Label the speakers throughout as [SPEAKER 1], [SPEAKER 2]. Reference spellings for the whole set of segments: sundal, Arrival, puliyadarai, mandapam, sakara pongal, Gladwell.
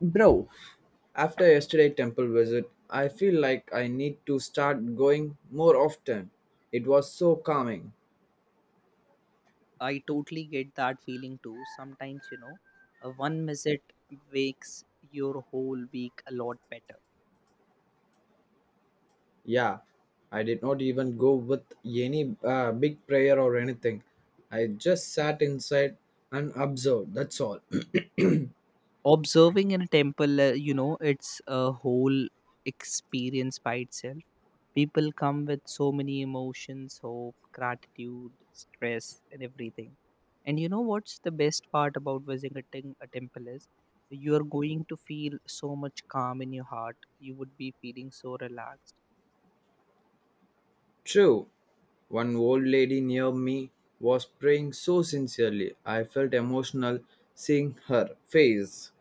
[SPEAKER 1] Bro, after yesterday temple visit, I feel like I need to start going more often. It was so calming.
[SPEAKER 2] I totally get that feeling too. Sometimes, a one visit makes your whole week a lot better.
[SPEAKER 1] Yeah, I did not even go with any big prayer or anything. I just sat inside and observed. That's all.
[SPEAKER 2] Observing in a temple, it's a whole experience by itself. People come with so many emotions, hope, gratitude, stress, and everything. And you know what's the best part about visiting a temple is you are going to feel so much calm in your heart. You would be feeling so relaxed.
[SPEAKER 1] True, one old lady near me was praying so sincerely. I felt emotional seeing her face.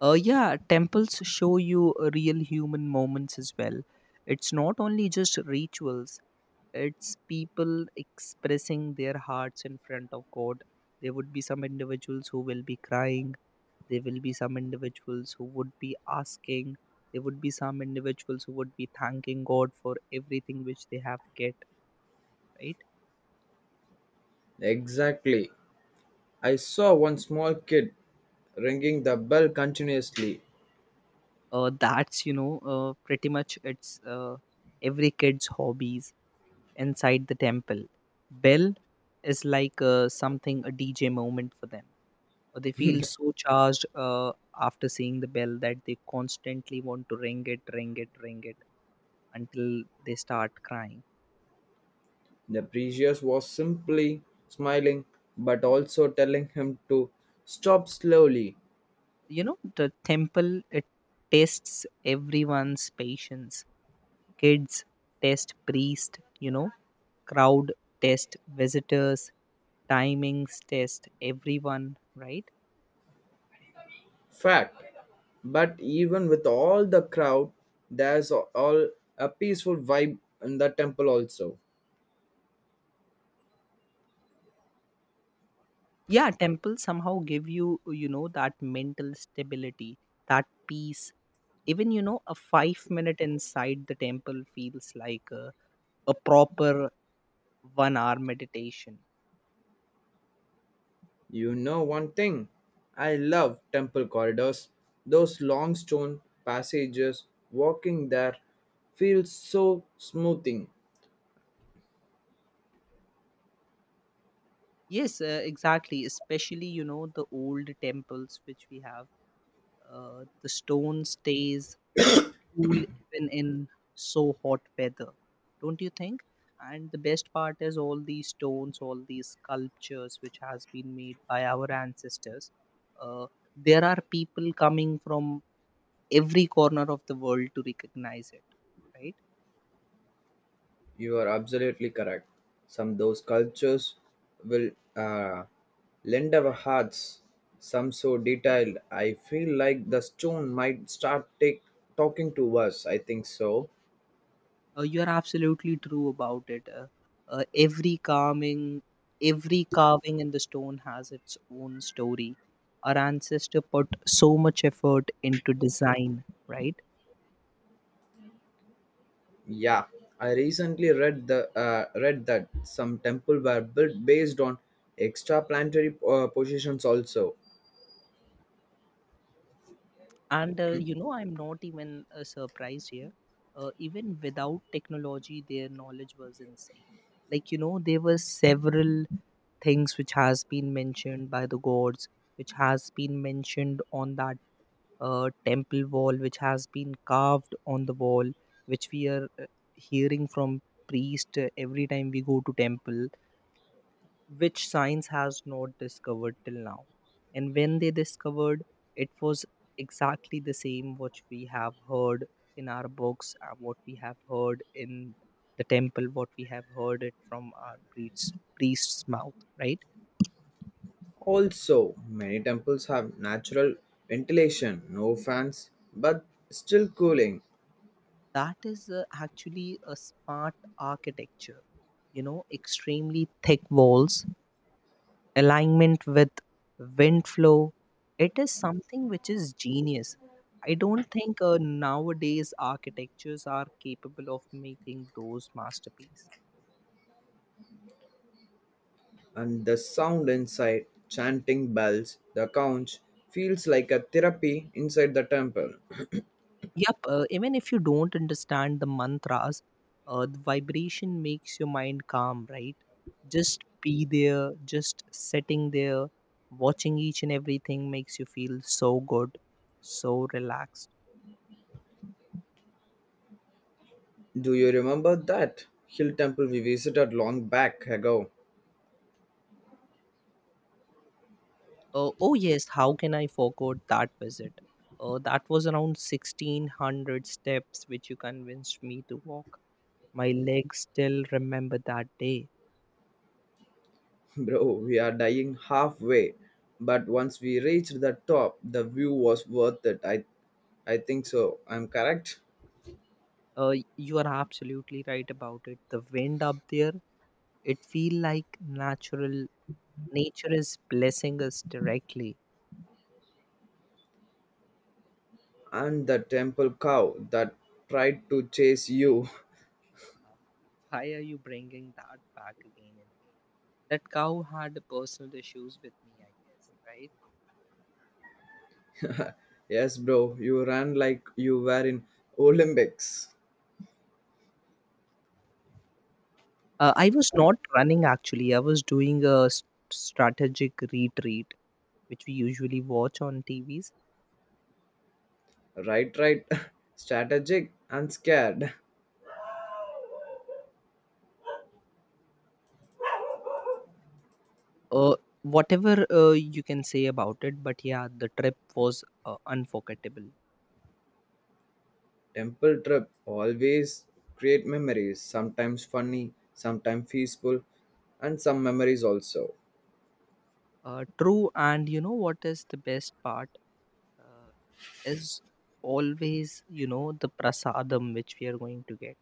[SPEAKER 2] Yeah, temples show you real human moments as well. It's not only just rituals, it's people expressing their hearts in front of God. There would be some individuals who will be crying, there will be some individuals who would be asking, there would be some individuals who would be thanking God for everything which they have get, right?
[SPEAKER 1] Exactly. I saw one small kid ringing the bell continuously.
[SPEAKER 2] Pretty much it's every kid's hobbies inside the temple. Bell is like something a DJ moment for them. They feel so charged after seeing the bell that they constantly want to ring it, ring it, ring it until they start crying.
[SPEAKER 1] The priest was simply smiling, but also telling him to stop slowly.
[SPEAKER 2] You know, the temple it tests everyone's patience. Kids test priest. You know, crowd test visitors. Timings test everyone. Right,
[SPEAKER 1] Fact. But even with all the crowd, there's a- all a peaceful vibe in the temple also.
[SPEAKER 2] yeah, temples somehow give you, you know, that mental stability, that peace. Even you know a 5-minute inside the temple feels like a proper 1 hour meditation.
[SPEAKER 1] You know one thing, I love temple corridors. Those long stone passages, walking there feels so smoothing.
[SPEAKER 2] Yes, exactly, especially you know the old temples which we have. The stone stays cool even in so hot weather, don't you think? And the best part is all these stones, all these sculptures which has been made by our ancestors. Uh, there are people coming from every corner of the world to recognize it, right?
[SPEAKER 1] You are absolutely correct. Some those sculptures will uh, lend our hearts. Some so detailed. I feel like the stone might talking to us. I think so.
[SPEAKER 2] You are absolutely true about it. Uh, every carving, every carving in the stone has its own story. Our ancestor put so much effort into design, right?
[SPEAKER 1] Yeah, I recently read the read that some temple were built based on extraplanetary positions also.
[SPEAKER 2] And I'm not even surprised here. Even without technology their knowledge was insane. Like you know there were several things which has been mentioned by the gods, which has been mentioned on that temple wall, which has been carved on the wall, which we are hearing from priest every time we go to temple, which science has not discovered till now. And when they discovered, it was exactly the same what we have heard in our books, what we have heard in the temple, what we have heard it from our priest's mouth, right?
[SPEAKER 1] Also, many temples have natural ventilation, no fans, but still cooling.
[SPEAKER 2] That is actually a smart architecture, you know, extremely thick walls, alignment with wind flow. It is something which is genius. I don't think nowadays architectures are capable of making those masterpieces.
[SPEAKER 1] And the sound inside chanting bells, the couch feels like a therapy inside the temple.
[SPEAKER 2] Yep, even if you don't understand the mantras, the vibration makes your mind calm, right? Just be there, just sitting there, watching each and everything makes you feel so good, so relaxed.
[SPEAKER 1] Do you remember that hill temple we visited long back ago?
[SPEAKER 2] Oh yes, how can I forget that visit? That was around 1600 steps which you convinced me to walk. My legs still remember that day.
[SPEAKER 1] Bro, we are dying halfway, but once we reached the top, the view was worth it. I think so. I'm correct.
[SPEAKER 2] You are absolutely right about it. The wind up there, it feel like natural, nature is blessing us directly.
[SPEAKER 1] And the temple cow that tried to chase you.
[SPEAKER 2] Uh, Why are you bringing that back again and again? That cow had personal issues with me, I guess, right?
[SPEAKER 1] Yes, bro, you ran like you were in Olympics.
[SPEAKER 2] I was not running actually. I was doing a strategic retreat, which we usually watch on TVs.
[SPEAKER 1] Right, right. Strategic and scared.
[SPEAKER 2] Uh, whatever you can say about it, but yeah, the trip was unforgettable.
[SPEAKER 1] Temple trip always create memories, sometimes funny, sometimes peaceful, and some memories also.
[SPEAKER 2] True, and you know what is the best part uh, is always, you know, the prasadam which we are going to get.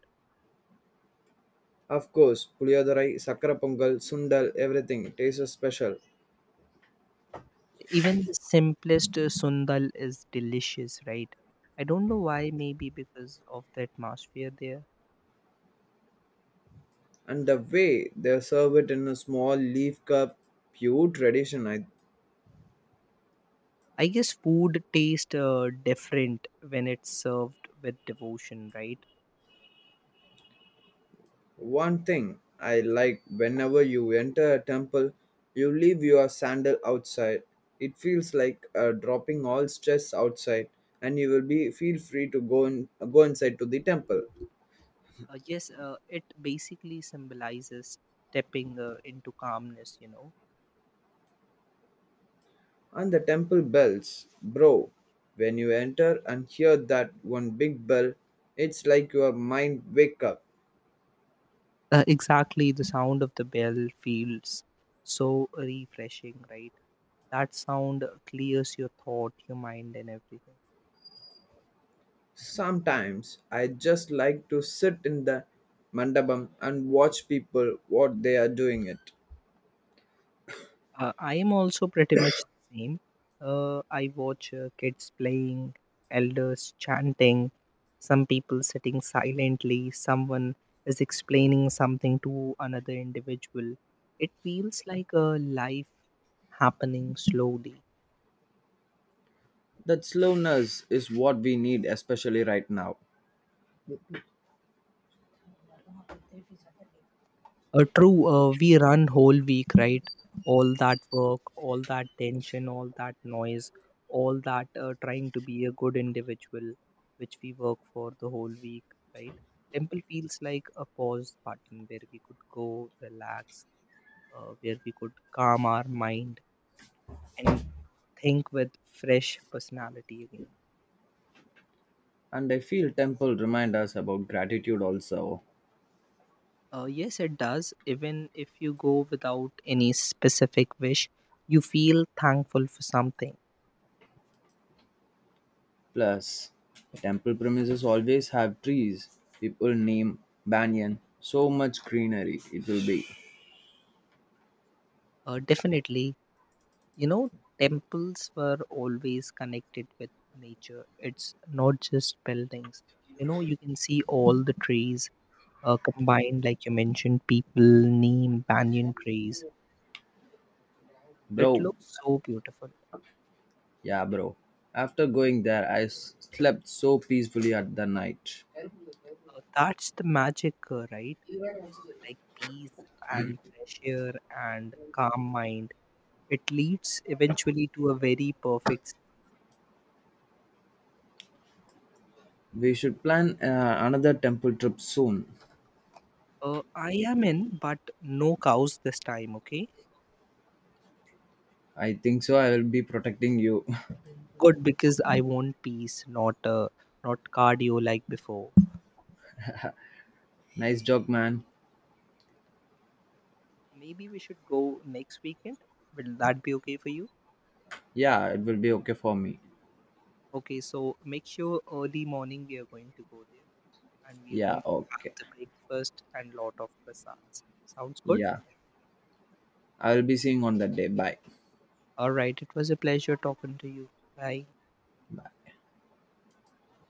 [SPEAKER 1] Of course, puliyadarai, sakara pongal, sundal, everything tastes special.
[SPEAKER 2] Even the simplest sundal is delicious, right? I don't know why, maybe because of the atmosphere there.
[SPEAKER 1] And the way they serve it in a small leaf cup, pure tradition. I
[SPEAKER 2] I guess food tastes different when it's served with devotion, right?
[SPEAKER 1] one thing I like, whenever you enter a temple, you leave your sandal outside. It feels like dropping all stress outside, and you will be feel free to go in, go inside to the temple.
[SPEAKER 2] Yes, it basically symbolizes stepping into calmness, you know.
[SPEAKER 1] And the temple bells, bro. When you enter and hear that one big bell, it's like your mind wake up.
[SPEAKER 2] Exactly, the sound of the bell feels so refreshing, right? That sound clears your thought, your mind, and everything.
[SPEAKER 1] Sometimes I just like to sit in the mandapam and watch people what they are doing it.
[SPEAKER 2] I am also pretty much the same. I watch kids playing, elders chanting, some people sitting silently, someone is explaining something to another individual. It feels like a life happening slowly.
[SPEAKER 1] That slowness is what we need, especially right now.
[SPEAKER 2] True, we run whole week, right? All that work, all that tension, all that noise, all that trying to be a good individual, which we work for the whole week, right? Temple feels like a pause button where we could go relax, where we could calm our mind and think with fresh personality again.
[SPEAKER 1] And I feel temple remind us about gratitude also.
[SPEAKER 2] Yes, it does. Even if you go without any specific wish, you feel thankful for something.
[SPEAKER 1] Plus, the temple premises always have trees. People name Banyan. So much greenery it will be.
[SPEAKER 2] Definitely. You know, temples were always connected with nature. It's not just buildings. You know, you can see all the trees combined, like you mentioned, people, neem, banyan trees. It
[SPEAKER 1] Bro,
[SPEAKER 2] looks so beautiful.
[SPEAKER 1] yeah, bro. After going there, slept so peacefully at the night.
[SPEAKER 2] That's the magic, right? Like peace and fresh air and calm mind. It leads eventually to a very perfect.
[SPEAKER 1] We should plan another temple trip soon.
[SPEAKER 2] I am in, but no cows this time, okay?
[SPEAKER 1] I think so. I will be protecting you.
[SPEAKER 2] Good because I want peace, not not cardio like before.
[SPEAKER 1] Nice job, man.
[SPEAKER 2] Maybe we should go next weekend. Will that be okay for you?
[SPEAKER 1] Yeah, it will be okay for me.
[SPEAKER 2] Okay, so make sure early morning we are going to go there and we are
[SPEAKER 1] Yeah,
[SPEAKER 2] going to have
[SPEAKER 1] okay.
[SPEAKER 2] the breakfast and lot of prasads. Sounds good?
[SPEAKER 1] Yeah, I will be seeing on that day. Bye.
[SPEAKER 2] All right, it was a pleasure talking to you. Bye.